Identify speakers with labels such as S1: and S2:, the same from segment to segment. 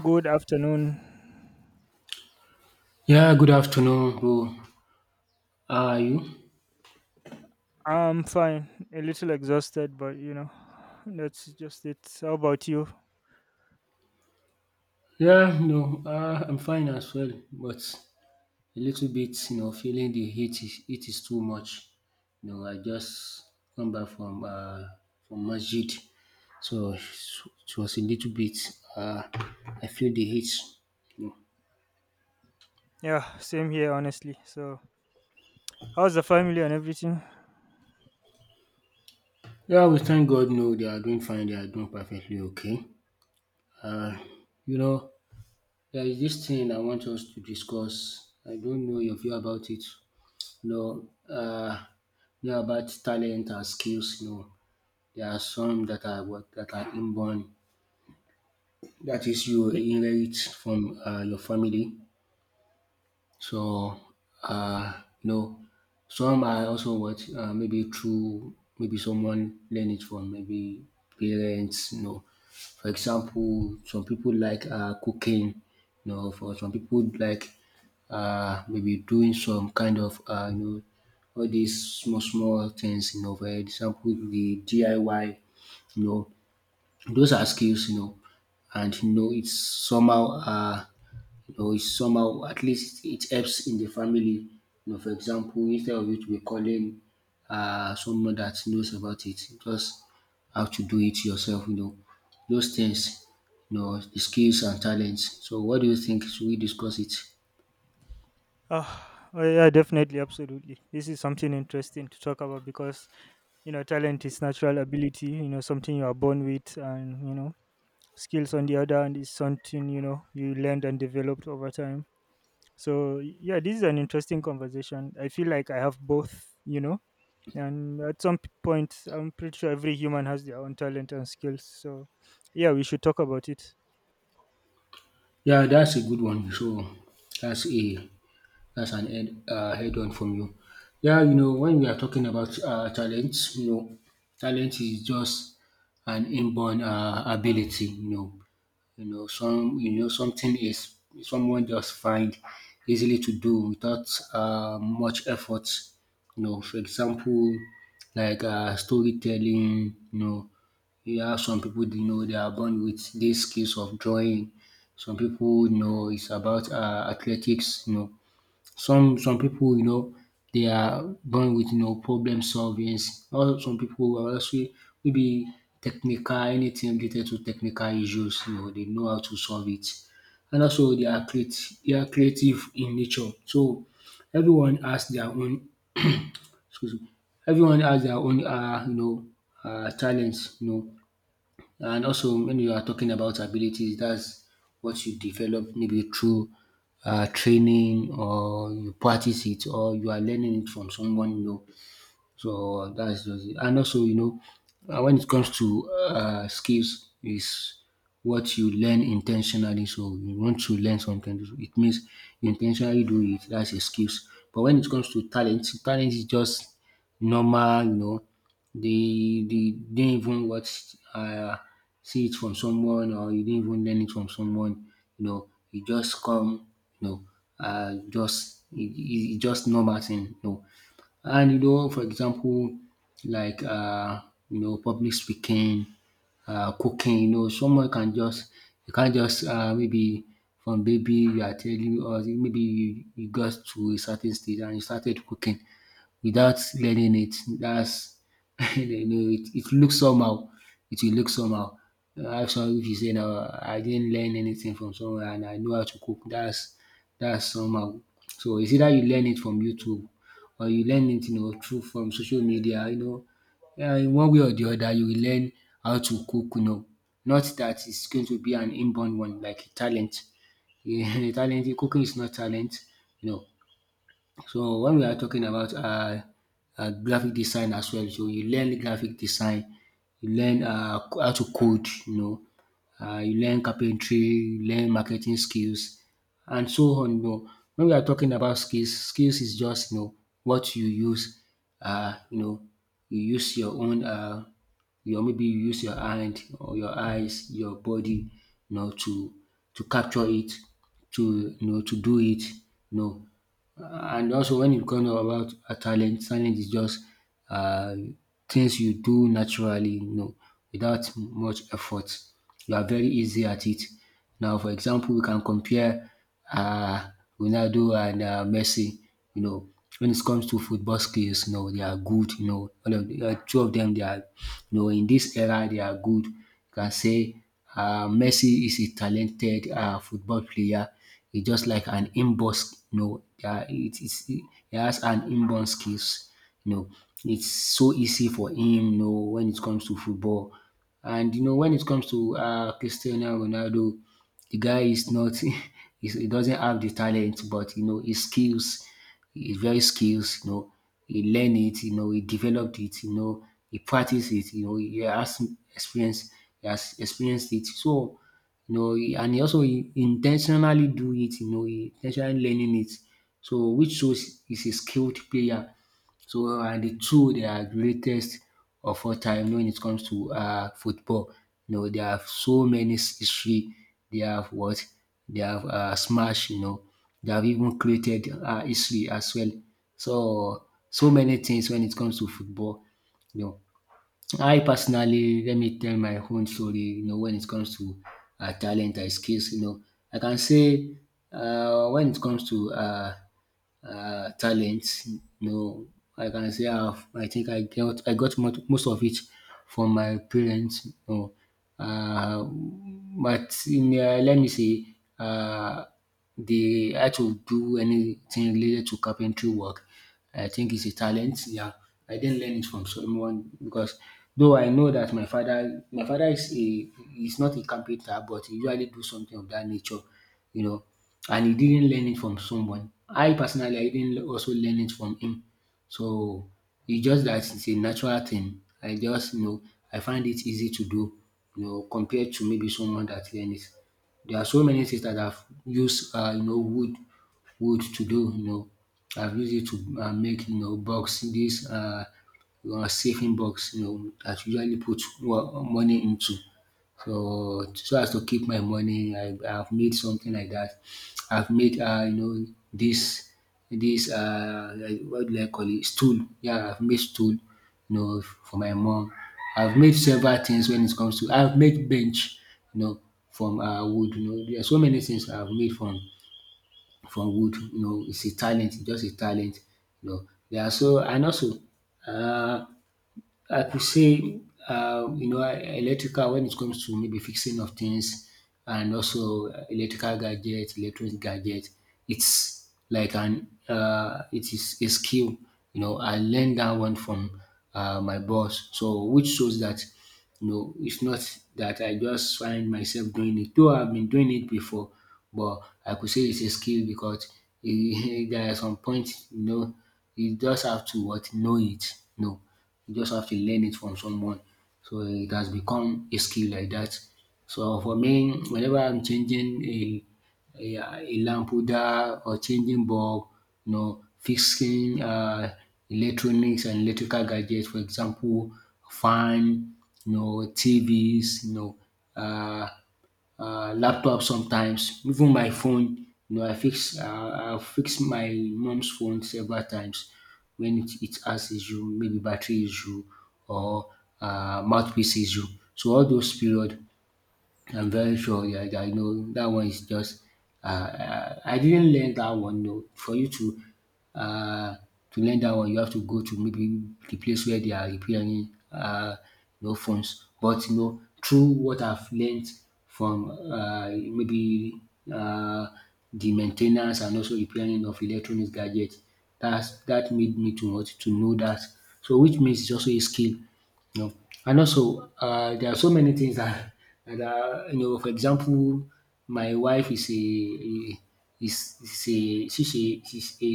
S1: Good afternoon.
S2: Yeah, good afternoon, bro. How are you?
S1: I'm fine. A little exhausted, but you know, that's just it. How about you?
S2: Yeah, no, I'm fine as well, but a little bit, you know, feeling the heat is it is too much. You know, I just come back from masjid, so it was a little bit. Uh, I feel the heat.
S1: Yeah, same here, honestly. So, how's the family and everything?
S2: Yeah, we thank God. No, they are doing fine. They are doing perfectly okay. Uh, you know, there is this thing I want us to discuss. I don't know your view about it. No, yeah, about talent and skills, no. There are some that are what that are inborn. That is, you
S1: Yeah.
S2: inherit from your family. So, uh, no, some I also watch maybe through maybe someone learn it from maybe parents. You know, for example, some people like cooking. You know, for some people like maybe doing some kind of you know all these small small things. You know, for example, the DIY. You know, those are skills. You know, and you know it's somehow you know, it's somehow at least it helps in the family. You know, for example, instead of you to be calling someone that knows about it, you just have to do it yourself. You know, those things, you know, the skills and talents. So, what do you think? Should we discuss it?
S1: Oh yeah, definitely, absolutely. This is something interesting to talk about because you know talent is natural ability, you know, something you are born with, and you know skills on the other hand is something, you know, you learned and developed over time. So yeah, this is an interesting conversation. I feel like I have both, you know, and at some point I'm pretty sure every human has their own talent and skills. So yeah, we should talk about it.
S2: Yeah, that's a good one. So, that's a that's an head head on from you. Yeah, you know, when we are talking about talents, you know, talent is just an inborn ability, you know, you know, some you know something is someone just find easily to do without much effort. You know, for example, like storytelling. You know, you have some people you know they are born with these skills of drawing. Some people you know it's about athletics. You know, some people you know they are born with you know problem solving, while some people are also maybe technical, anything related to technical issues, you know they know how to solve it, and also they are creati they are creative in nature. So everyone has their own, excuse me, everyone has their own you know talent, you know. And also, when you are talking about abilities, that's what you develop maybe through training, or you practice it, or you are learning it from someone, you know. So that's just it. And also, you know, when it comes to skills, is what you learn intentionally. So you want to learn something, so it means you intentionally do it. That's a skills. But when it comes to talent, talent is just normal. You know, they didn't even watch see it from someone, or you didn't even learn it from someone. You know, it just come. You know, just it's just normal thing. You know, and you know, for example, like you know, public speaking, cooking. You know, someone can just you can't just maybe from baby you are telling us maybe you got to a certain stage and you started cooking without learning it. That's you know it looks somehow. It will look somehow. How some if you say now I didn't learn anything from somewhere and I know how to cook, that's somehow. So it's either you learn it from YouTube or you learn it, you know, through from social media, you know. Yeah, in one way or the other, you will learn how to cook, you know. Not that it's going to be an inborn one, like a talent. Yeah, talent, cooking is not talent, you know. So when we are talking about um graphic design as well, so you learn graphic design, you learn how to code, you know, you learn carpentry, you learn marketing skills and so on, you know. When we are talking about skills, skills is just, you know, what you use you know you use your own your maybe you use your hand or your eyes, your body, you know, to capture it, to you know to do it, no. Uh, and also when it comes about a talent, talent is just uh, things you do naturally, you know, without much effort. You are very easy at it. Now, for example, we can compare uh, Ronaldo and Messi. You know, when it comes to football skills, you know, they are good. You know, all of the, two of them, they are, you know, in this era, they are good. You can say Messi is a talented football player. He's just like an inborn, you know, it is he has an inborn skills. You know, it's so easy for him. You know, when it comes to football, and you know, when it comes to Cristiano Ronaldo, the guy is not, he doesn't have the talent, but you know, his skills, he's very skilled, you know, he learned it, you know, he developed it, you know, he practiced it, you know, he has experience, he has experienced it. So, you know, and he also he intentionally do it, you know, he intentionally learning it. So which shows he's a skilled player. So, and the two, they are greatest of all time when it comes to football. You know, they have so many history. They have what? They have smash, you know. They have even created history as well. So, so many things when it comes to football. You know, I personally, let me tell my own story, you know, when it comes to talent and skills, you know. I can say when it comes to talents. No, I can say I have. I think most of it from my parents. No, but in, let me say, uh, they had to do anything related to carpentry work. I think it's a talent. Yeah, I didn't learn it from someone because though I know that my father is a, he's not a carpenter, but he usually do something of that nature, you know, and he didn't learn it from someone. I personally, I didn't also learn it from him. So it's just that it's a natural thing. I just, you know, I find it easy to do, you know, compared to maybe someone that learned it. There are so many things that I've used, you know, wood to do, you know. I've used it to make, you know, box, this saving box, you know, that you usually put money into. So, so as to keep my money, I've made something like that. I've made you know this this like, what do I call it, stool? Yeah, I've made stool, you know, for my mom. I've made several things when it comes to. I've made bench, you know, from wood. You know, there are so many things I've made from wood. You know, it's a talent, just a talent. You know, yeah. So and also, uh, I could say, you know, electrical when it comes to maybe fixing of things, and also electrical gadget, electronic gadget, it's like an it is a skill. You know, I learned that one from my boss. So which shows that you know it's not that I just find myself doing it. Though I've been doing it before, but I could say it's a skill because there are some point you know you just have to what know it. No, you just have to learn it from someone. So it has become a skill like that. So for me, whenever I'm changing a lamp holder or changing bulb, you know, fixing electronics and electrical gadgets, for example, fan, you know, TVs, you know, uh, laptop sometimes, even my phone. You know, I fix my mom's phone several times when it has issue, maybe battery issue or mouthpiece issue. So all those period I'm very sure. Yeah, I know that one is just. I didn't learn that one. No, for you uh, to learn that one, you have to go to maybe the place where they are repairing you know, phones. But you know, through what I've learned from maybe uh, the maintenance and also repairing of electronic gadgets, that made me to want to know that. So, which means it's also a skill. No, and also, there are so many things that are, you know. For example, my wife is a is is a she's a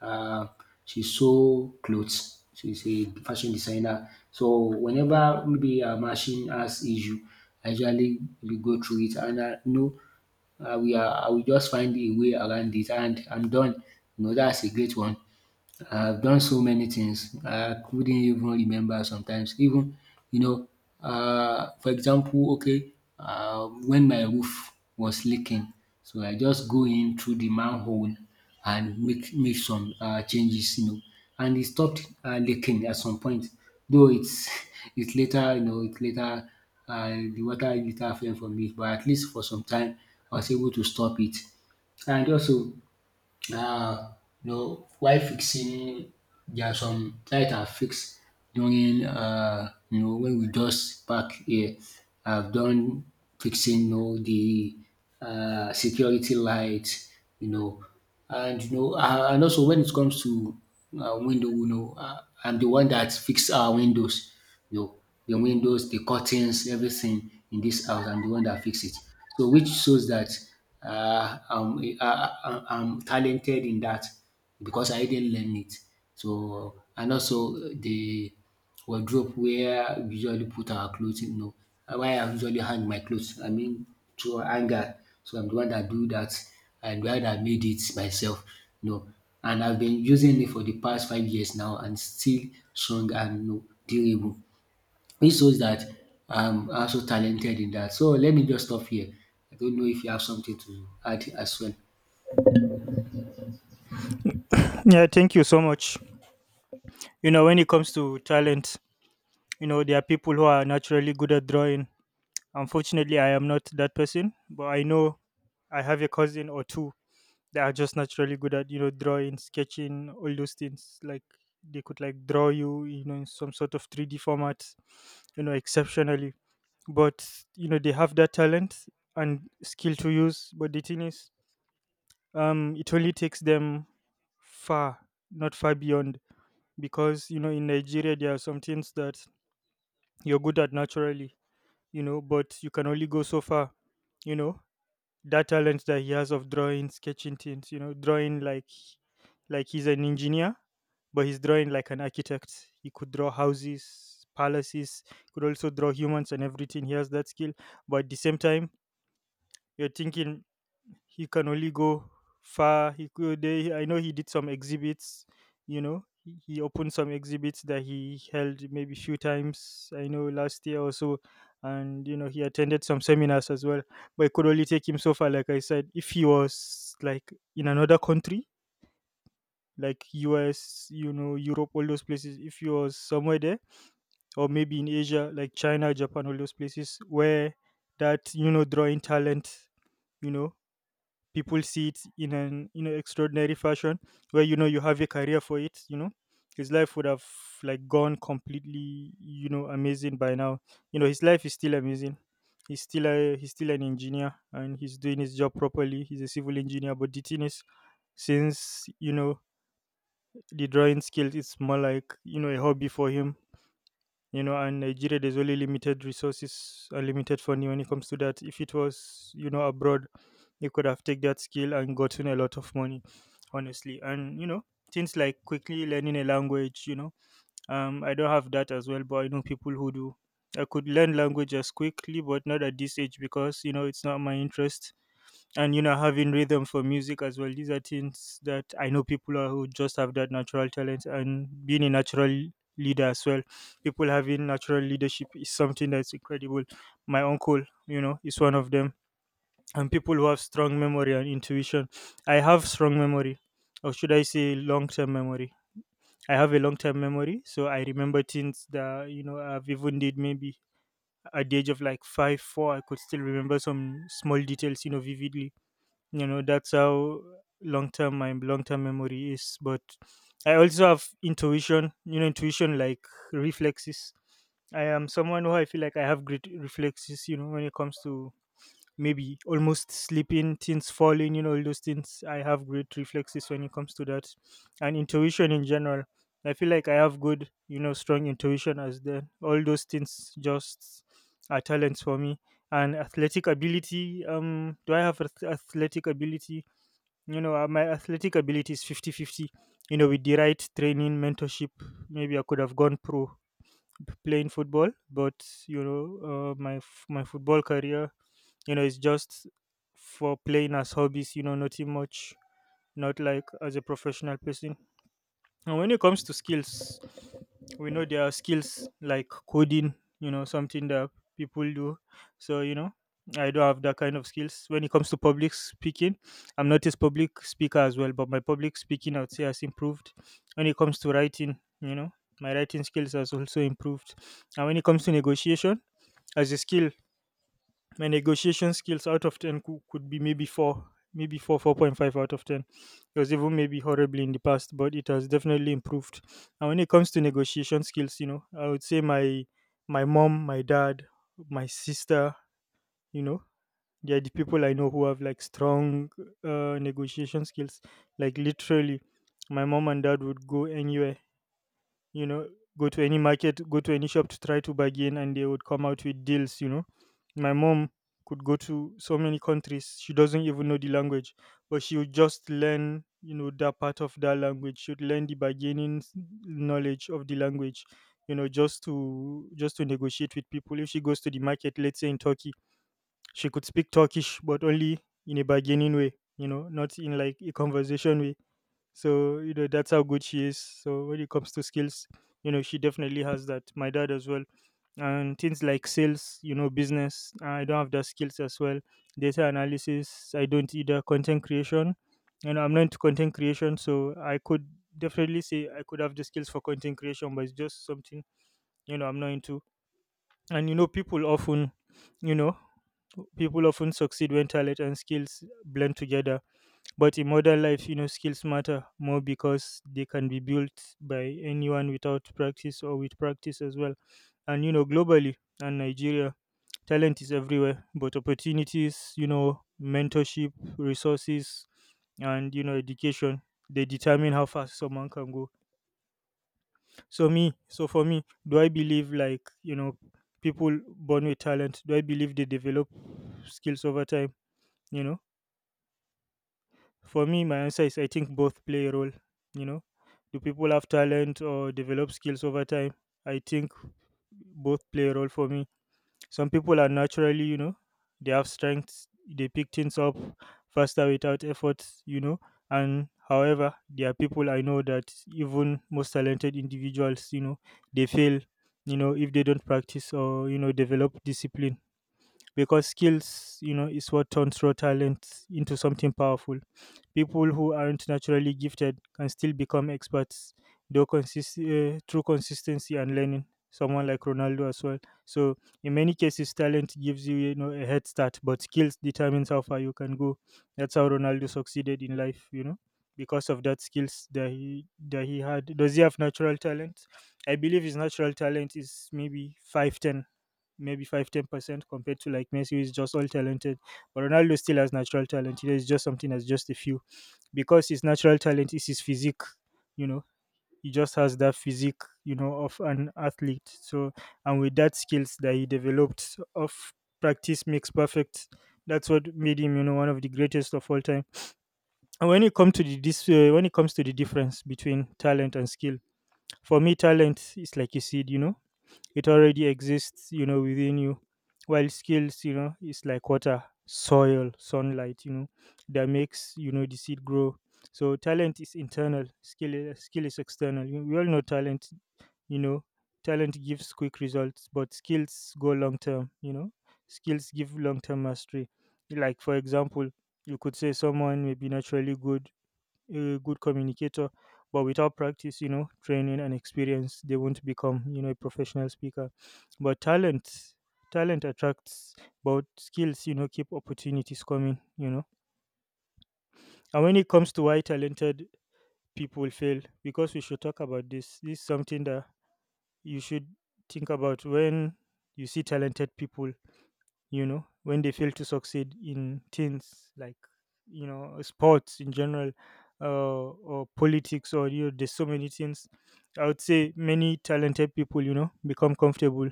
S2: uh, she sew clothes. She's a fashion designer. So whenever maybe a machine has issue, I usually we go through it and I know, we are I will just find a way around it and I'm done. You know, that's a great one. I've done so many things. I couldn't even remember sometimes. Even, you know, for example, okay, when my roof was leaking, so I just go in through the manhole and make some changes, you know, and it stopped leaking at some point. Though it's it later, you know, it later, the water later fell from it, but at least for some time I was able to stop it. And also uh, you know, while fixing, there are some light I fix during, you know, when we just back here. I've done fixing, you know, the security light, you know, you know, and also when it comes to window, you know, I'm the one that fix our windows, your your windows, the curtains, everything in this house. I'm the one that fix it. So which shows that I'm, I, I'm talented in that because I didn't learn it. So and also the wardrobe where we usually put our clothes, you know, where I usually hang my clothes. I mean through anger. So I'm the one that do that. I'm the one that made it myself. You know, and I've been using it for the past 5 years now and still strong and, you know, durable. This shows that I'm also talented in that. So let me just stop here. I don't know if you have something to add as well.
S1: Yeah, thank you so much. You know, when it comes to talent, you know, there are people who are naturally good at drawing. Unfortunately I am not that person, but I know I have a cousin or two. They are just naturally good at, you know, drawing, sketching, all those things. Like, they could like draw you, you know, in some sort of 3D format, you know, exceptionally. But you know they have that talent and skill to use. But the thing is, it only takes them far, not far beyond, because you know in Nigeria there are some things that you're good at naturally, you know, but you can only go so far, you know. That talent that he has of drawing, sketching things, you know, drawing like he's an engineer, but he's drawing like an architect. He could draw houses, palaces, could also draw humans and everything. He has that skill. But at the same time, you're thinking he can only go far. He could. Eh, I know he did some exhibits. You know, he opened some exhibits that he held maybe few times. I know last year or so, and you know he attended some seminars as well. But it could only take him so far. Like I said, if he was like in another country, like US, you know, Europe, all those places. If he was somewhere there, or maybe in Asia, like China, Japan, all those places where that, you know, drawing talent, you know, people see it in an, you know, extraordinary fashion, where, you know, you have a career for it, you know, his life would have like gone completely, you know, amazing by now. You know, his life is still amazing. He's still a, he's still an engineer and he's doing his job properly. He's a civil engineer. But the thing is, since you know the drawing skills, it's more like, you know, a hobby for him, you know, and Nigeria, there's only limited resources and limited funding when it comes to that. If it was, you know, abroad, they could have taken that skill and gotten a lot of money, honestly. And you know, things like quickly learning a language, you know, I don't have that as well, but I know people who do. I could learn languages quickly, but not at this age because you know it's not my interest. And you know, having rhythm for music as well. These are things that I know people are who just have that natural talent, and being a natural leader as well. People having natural leadership is something that's incredible. My uncle, you know, is one of them. And people who have strong memory and intuition. I have strong memory, or should I say, long term memory. I have a long term memory, so I remember things that, you know, I've even did maybe at the age of like five, four. I could still remember some small details, you know, vividly. You know, that's how long term my long term memory is. But I also have intuition, you know, intuition like reflexes. I am someone who, I feel like I have great reflexes, you know, when it comes to maybe almost sleeping, things falling, you know, all those things. I have great reflexes when it comes to that, and intuition in general. I feel like I have good, you know, strong intuition, as the all those things just are talents for me. And athletic ability, do I have athletic ability? You know, my athletic ability is 50-50. You know, with the right training, mentorship, maybe I could have gone pro playing football, but you know, my my football career, you know, it's just for playing as hobbies, you know, nothing much, not like as a professional person. And when it comes to skills, we know there are skills like coding, you know, something that people do. So, you know, I don't have that kind of skills. When it comes to public speaking, I'm not a public speaker as well, but my public speaking I would say has improved. When it comes to writing, you know, my writing skills has also improved. And when it comes to negotiation, as a skill, my negotiation skills out of 10 could be maybe 4, maybe 4, 4.5 out of 10. It was even maybe horribly in the past, but it has definitely improved. And when it comes to negotiation skills, you know, I would say my, my mom, my dad, my sister, you know, they're the people I know who have like strong negotiation skills, like literally. My mom and dad would go anywhere, you know, go to any market, go to any shop to try to bargain, and they would come out with deals, you know. My mom could go to so many countries, she doesn't even know the language, but she would just learn, you know, that part of that language. She would learn the bargaining knowledge of the language, you know, just to negotiate with people. If she goes to the market, let's say in Turkey, she could speak Turkish, but only in a bargaining way, you know, not in like a conversation way. So, you know, that's how good she is. So, when it comes to skills, you know, she definitely has that. My dad as well. And things like sales, you know, business, I don't have the skills as well. Data analysis, I don't either. Content creation, and I'm not into content creation. So, I could definitely say I could have the skills for content creation, but it's just something, you know, I'm not into. And, you know, you know, people often succeed when talent and skills blend together, but in modern life, you know, skills matter more because they can be built by anyone without practice or with practice as well. And, you know, globally and Nigeria, talent is everywhere, but opportunities, you know, mentorship, resources, and, you know, education, they determine how fast someone can go. So, me, so for me, do I believe like, you know, people born with talent, do I believe they develop skills over time, you know? For me, my answer is I think both play a role. You know, do people have talent or develop skills over time? I think both play a role for me. Some people are naturally, you know, they have strengths, they pick things up faster without effort, you know. And however, there are people I know that even most talented individuals, you know, they fail, you know, if they don't practice or, you know, develop discipline, because skills, you know, is what turns raw talent into something powerful. People who aren't naturally gifted can still become experts, through consistency and learning. Someone like Ronaldo as well. So in many cases, talent gives you, you know, a head start, but skills determines how far you can go. That's how Ronaldo succeeded in life, you know, because of that skills that he had. Does he have natural talent? I believe his natural talent is maybe five ten maybe five, 10% compared to like Messi, who is just all talented. But Ronaldo still has natural talent. It's just something that's just a few. Because his natural talent is his physique, you know, he just has that physique, you know, of an athlete. So, and with that skills that he developed of practice makes perfect. That's what made him, you know, one of the greatest of all time. And when it comes to the difference between talent and skill, for me, talent is like a seed. You know, it already exists, you know, within you, while skills, you know, is like water, soil, sunlight, you know, that makes, you know, the seed grow. So talent is internal, skill is external. We all know talent, you know. Talent gives quick results, but skills go long term, you know. Skills give long term mastery. Like for example, you could say someone may be naturally good, a good communicator, but without practice, you know, training and experience, they won't become, you know, a professional speaker. But talent, talent attracts, but skills, you know, keep opportunities coming, you know. And when it comes to why talented people fail, because we should talk about this, this is something that you should think about when you see talented people, you know, when they fail to succeed in things like, you know, sports in general, uh, or politics, or, you know, there's so many things. I would say many talented people, you know, become comfortable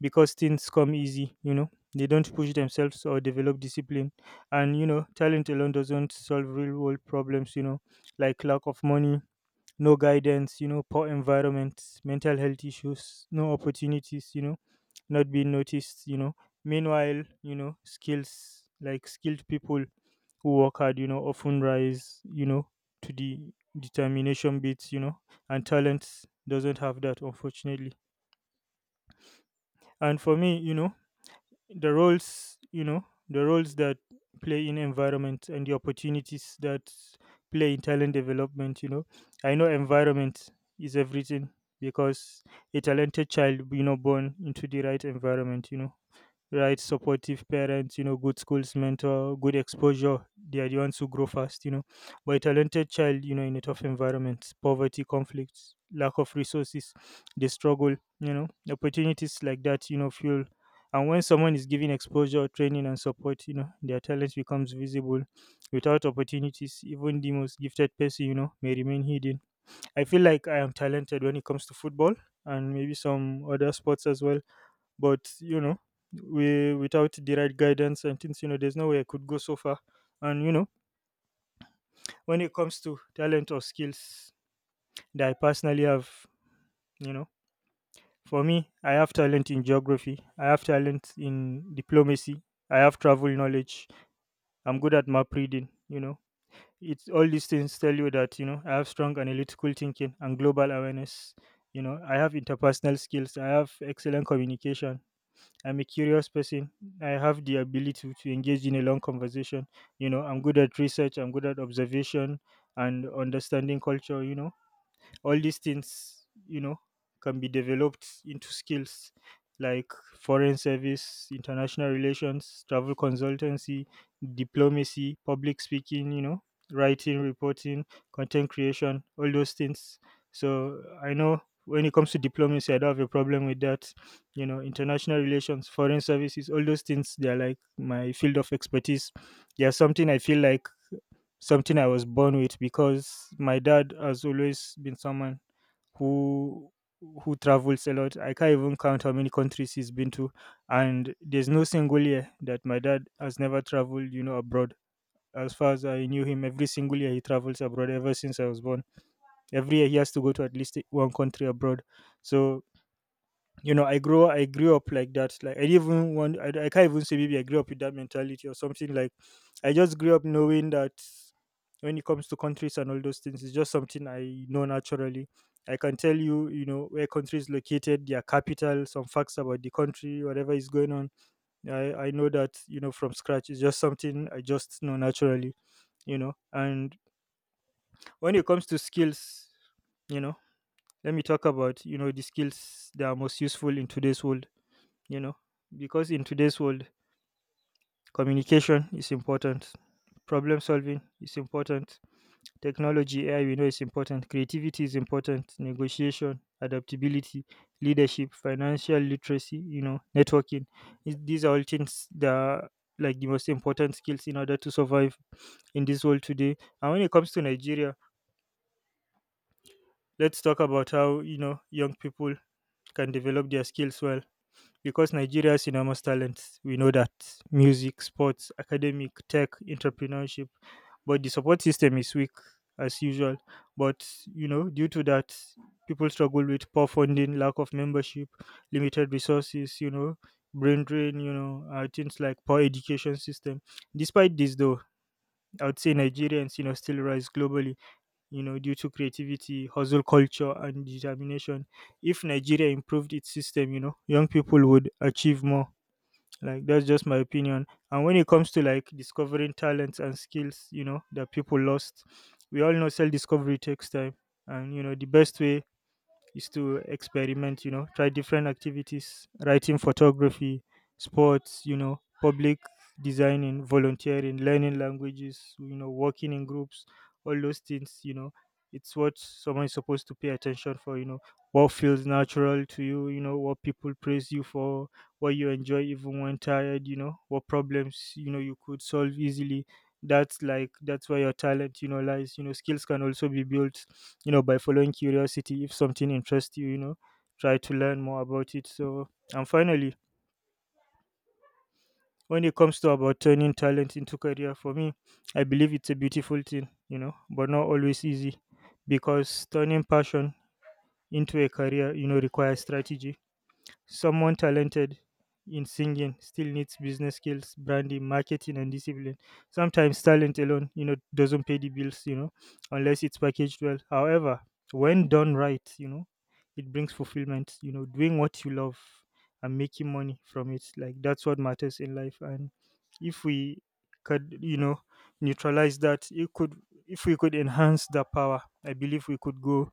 S1: because things come easy, you know. They don't push themselves or develop discipline. And, you know, talent alone doesn't solve real world problems, you know, like lack of money, no guidance, you know, poor environment, mental health issues, no opportunities, you know, not being noticed, you know. Meanwhile, you know, skills, like skilled people who work hard, you know, often rise, you know, to the determination bits, you know, and talents doesn't have that, unfortunately. And for me, you know, the roles you know the roles that play in environment and the opportunities that play in talent development, you know, I know environment is everything, because a talented child, you know, born into the right environment, you know, right? Supportive parents, you know, good schools, mentor, good exposure. They are the ones who grow fast, you know. But a talented child, you know, in a tough environment, poverty, conflicts, lack of resources, they struggle, you know. Opportunities like that, you know, fuel. And when someone is given exposure, training, and support, you know, their talent becomes visible. Without opportunities, even the most gifted person, you know, may remain hidden. I feel like I am talented when it comes to football and maybe some other sports as well, but you know, we without the right guidance and things, you know, there's no way I could go so far. And you know, when it comes to talent or skills that I personally have, you know, for me, I have talent in geography, I have talent in diplomacy, I have travel knowledge, I'm good at map reading, you know. It's all these things tell you that, you know, I have strong analytical thinking and global awareness, you know. I have interpersonal skills, I have excellent communication. I'm a curious person. I have the ability to engage in a long conversation. You know, I'm good at research, I'm good at observation and understanding culture, you know, all these things, you know, can be developed into skills, like foreign service, international relations, travel consultancy, diplomacy, public speaking, you know, writing, reporting, content creation, all those things. So I know when it comes to diplomacy, I don't have a problem with that, you know. International relations, foreign services, all those things, they're like my field of expertise. They're something I feel like, something I was born with, because my dad has always been someone who who travels a lot. I can't even count how many countries he's been to, and there's no single year that my dad has never traveled, you know, abroad. As far as I knew him, every single year he travels abroad ever since I was born. Every year he has to go to at least one country abroad. So you know, I grew up like that. Like I didn't even want. I can't even say maybe I grew up with that mentality or something. Like I just grew up knowing that when it comes to countries and all those things, it's just something I know naturally. I can tell you, you know, where countries located, their capital, some facts about the country, whatever is going on. I know that, you know, from scratch. It's just something I just know naturally, you know. And when it comes to skills, you know, let me talk about, you know, the skills that are most useful in today's world, you know, because in today's world, communication is important, problem solving is important, technology, AI, we know, is important, creativity is important, negotiation, adaptability, leadership, financial literacy, you know, networking. These are all things that are like the most important skills in order to survive in this world today. And when it comes to Nigeria, let's talk about how, you know, young people can develop their skills well. Because Nigeria is enormous talent, we know that, music, sports, academic, tech, entrepreneurship, but the support system is weak, as usual. But you know, due to that, people struggle with poor funding, lack of membership, limited resources. You know, brain drain. You know, things like poor education system. Despite this, though, I would say Nigerians, you know, still rise globally, you know, due to creativity, hustle culture, and determination. If Nigeria improved its system, you know, young people would achieve more. Like that's just my opinion. And when it comes to like discovering talents and skills, you know, that people lost, we all know self discovery takes time. And you know, the best way is to experiment, you know, try different activities, writing, photography, sports, you know, public designing, volunteering, learning languages, you know, working in groups, all those things, you know, it's what someone is supposed to pay attention for, you know, what feels natural to you, you know, what people praise you for, what you enjoy even when tired, you know, what problems, you know, you could solve easily. That's like, that's where your talent, you know, lies. You know, skills can also be built, you know, by following curiosity. If something interests you, you know, try to learn more about it. So and finally, when it comes to about turning talent into career, for me, I believe it's a beautiful thing, you know, but not always easy, because turning passion into a career, you know, requires strategy. Someone talented in singing still needs business skills, branding, marketing, and discipline. Sometimes talent alone, you know, doesn't pay the bills, you know, unless it's packaged well. However, when done right, you know, it brings fulfillment. You know, doing what you love and making money from it, like that's what matters in life. And if we could, you know, neutralize that, it could, if we could enhance that power, I believe we could go,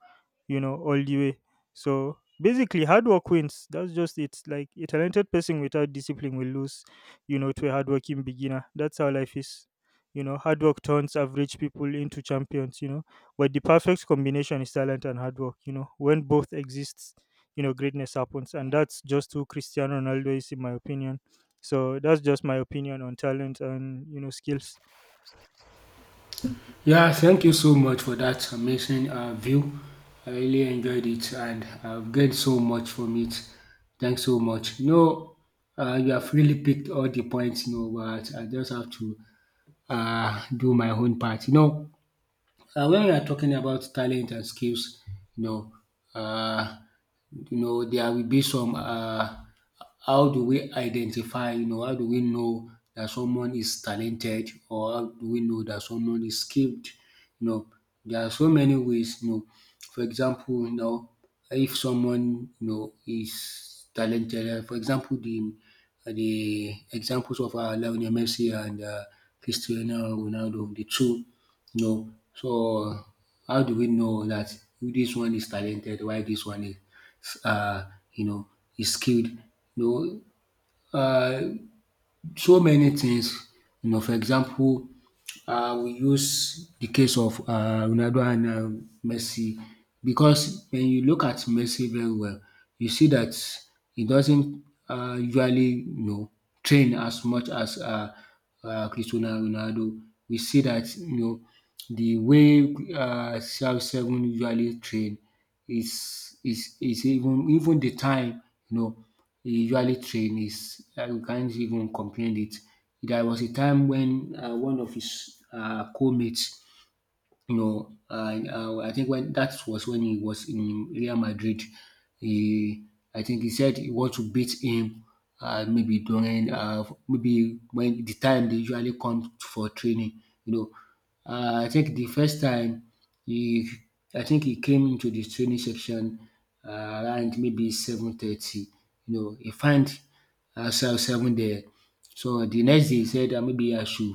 S1: you know, all the way. So basically, hard work wins. That's just it. Like a talented person without discipline will lose, you know, to a hardworking beginner. That's how life is. You know, hard work turns average people into champions, you know. But the perfect combination is talent and hard work, you know. When both exists, you know, greatness happens. And that's just who Cristiano Ronaldo is, in my opinion. So that's just my opinion on talent and, you know, skills.
S2: Yeah, thank you so much for that amazing view. I really enjoyed it and I've gained so much from it. Thanks so much. You know, you have really picked all the points, you know, but I just have to do my own part. You know, when we are talking about talent and skills, you know, uh, you know, there will be some. How do we identify? You know, how do we know that someone is talented, or how do we know that someone is skilled? You know, there are so many ways. You know, for example, you know, if someone, you know, is talented, for example, the examples of Lionel Messi and Cristiano Ronaldo, the two, no. So, how do we know that this one is talented while this one is, uh, you know, is skilled? No, uh, so many things, you know, for example, we use the case of Ronaldo and Messi, because when you look at Messi very well, you see that he doesn't usually, you know, train as much as Cristiano Ronaldo. We see that, you know, the way CR7 usually train is even, even the time, you know, he usually train is, you can't even comprehend it. There was a time when, one of his co-mates, you know, I think when that was when he was in Real Madrid, he, I think he said he want to beat him, maybe during, maybe when the time they usually come for training, you know. I think the first time he, I think he came into the training section, around maybe 7:30, you know, he find ourselves seven there. So the next day he said that maybe I should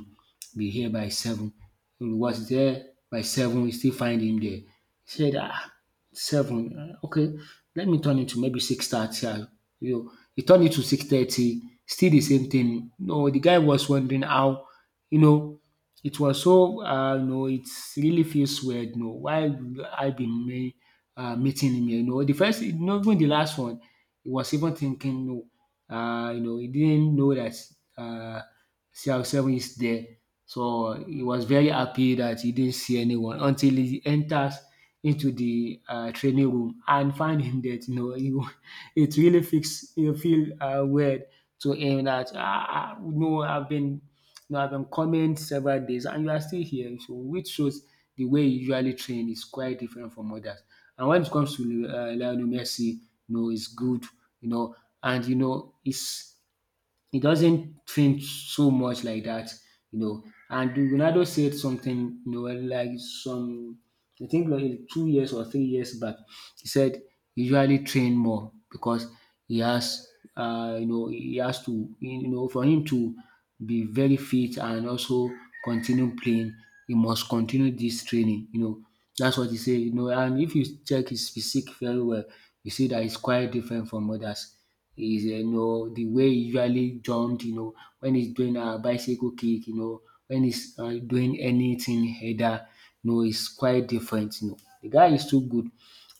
S2: be here by seven. He was there by seven, we still find him there. He said, ah, seven, okay, let me turn it to maybe 6:30. You know, he turned it to 6:30. Still the same thing. No, the guy was wondering how, you know, it was so, you know, it really feels weird, you know, why would I be me meeting him here, you know. The first, you know, even the last one, he was even thinking no, you know, he didn't know that uh, CR7 is there. So he was very happy that he didn't see anyone until he enters into the training room and find him that, you know, you, it really feels, you feel weird to him that, no, I've been, you have been coming several days and you are still here, so which shows the way you usually train is quite different from others. And when it comes to Lionel Messi, you know, he's good, you know, and you know, it's, he doesn't train so much like that, you know. And Ronaldo said something, you know, like some, I think like 2 years or 3 years back. He said usually train more because he has, you know, he has to, you know, for him to be very fit and also continue playing, he must continue this training. You know, that's what he said. You know, and if you check his physique very well, you see that he's quite different from others. Is, you know, the way he usually jumped. You know, when he's doing a bicycle kick. You know, when he's, doing anything header. You know, it's quite different. You know, the guy is too good,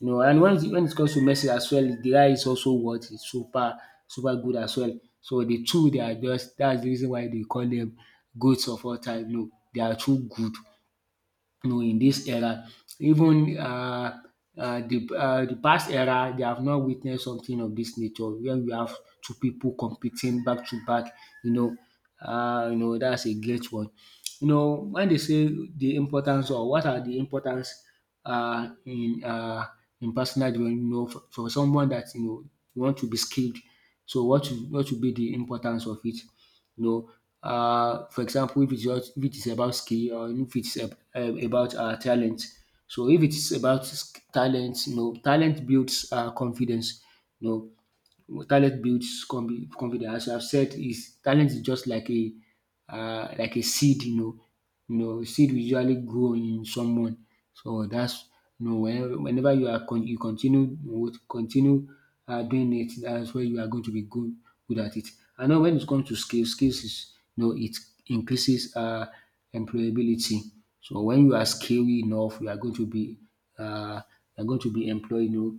S2: you know. And when it comes to Messi as well, the guy is also what is super good as well. So the two, they are just, that's the reason why they call them goats of all time. No, they are too good, you know, in this era. Even the past era, they have not witnessed something of this nature where we have two people competing back to back, you know. You know, that's a great one. You know, when they say the importance, or what are the importance, uh, in uh in personal development, you know, for someone that, you know, you want to be skilled. So what should, what should be the importance of it? You know. For example, if it's, just, if it's about skill or if it's about talent. So if it's about talent, you know, talent builds confidence. You know, talent builds confidence. As I've said, is talent is just like a seed, you know. You know, seed will usually grow in someone. So that's, you know, whenever, whenever you are you continue with continue, doing it, that's where you are going to be good at it. And now when it comes to skills, skills is, you know, it increases employability. So when you are skilled enough, you are going to be, uh, you are going to be employed. You know,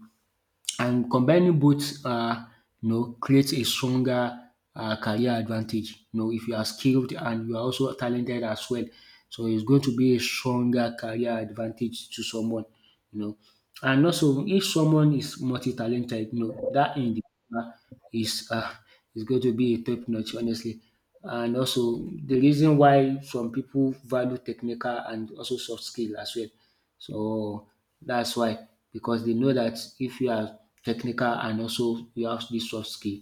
S2: and combining both, you know, creates a stronger career advantage. You know, if you are skilled and you are also talented as well, so it's going to be a stronger career advantage to someone. You know, and also if someone is multi-talented, you know, that individual is, is going to be a top notch, honestly. And also the reason why some people value technical and also soft skill as well, so that's why, because they know that if you are technical and also you have this soft skill,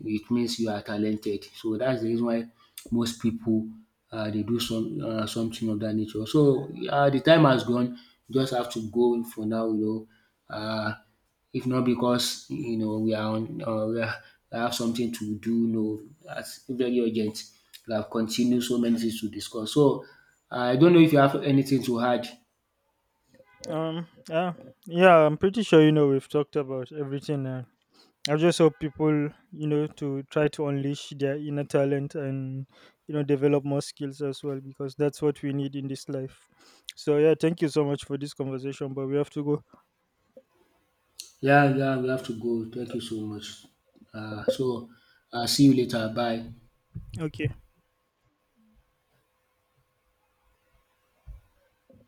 S2: it means you are talented. So that's the reason why most people, they do some, something of that nature. So the time has gone. You just have to go for now. You know, if not because, you know, we are, I have something to do. You know, that's very urgent. We have continued so many things to discuss. So I don't know if you have anything to add.
S1: Yeah, yeah, I'm pretty sure, you know, we've talked about everything. I just hope people, you know, to try to unleash their inner talent and, you know, develop more skills as well, because that's what we need in this life. So, yeah, thank you so much for this conversation, but we have to go.
S2: Yeah, yeah, we have to go. Thank you so much. Uh, so, See you later. Bye.
S1: Okay.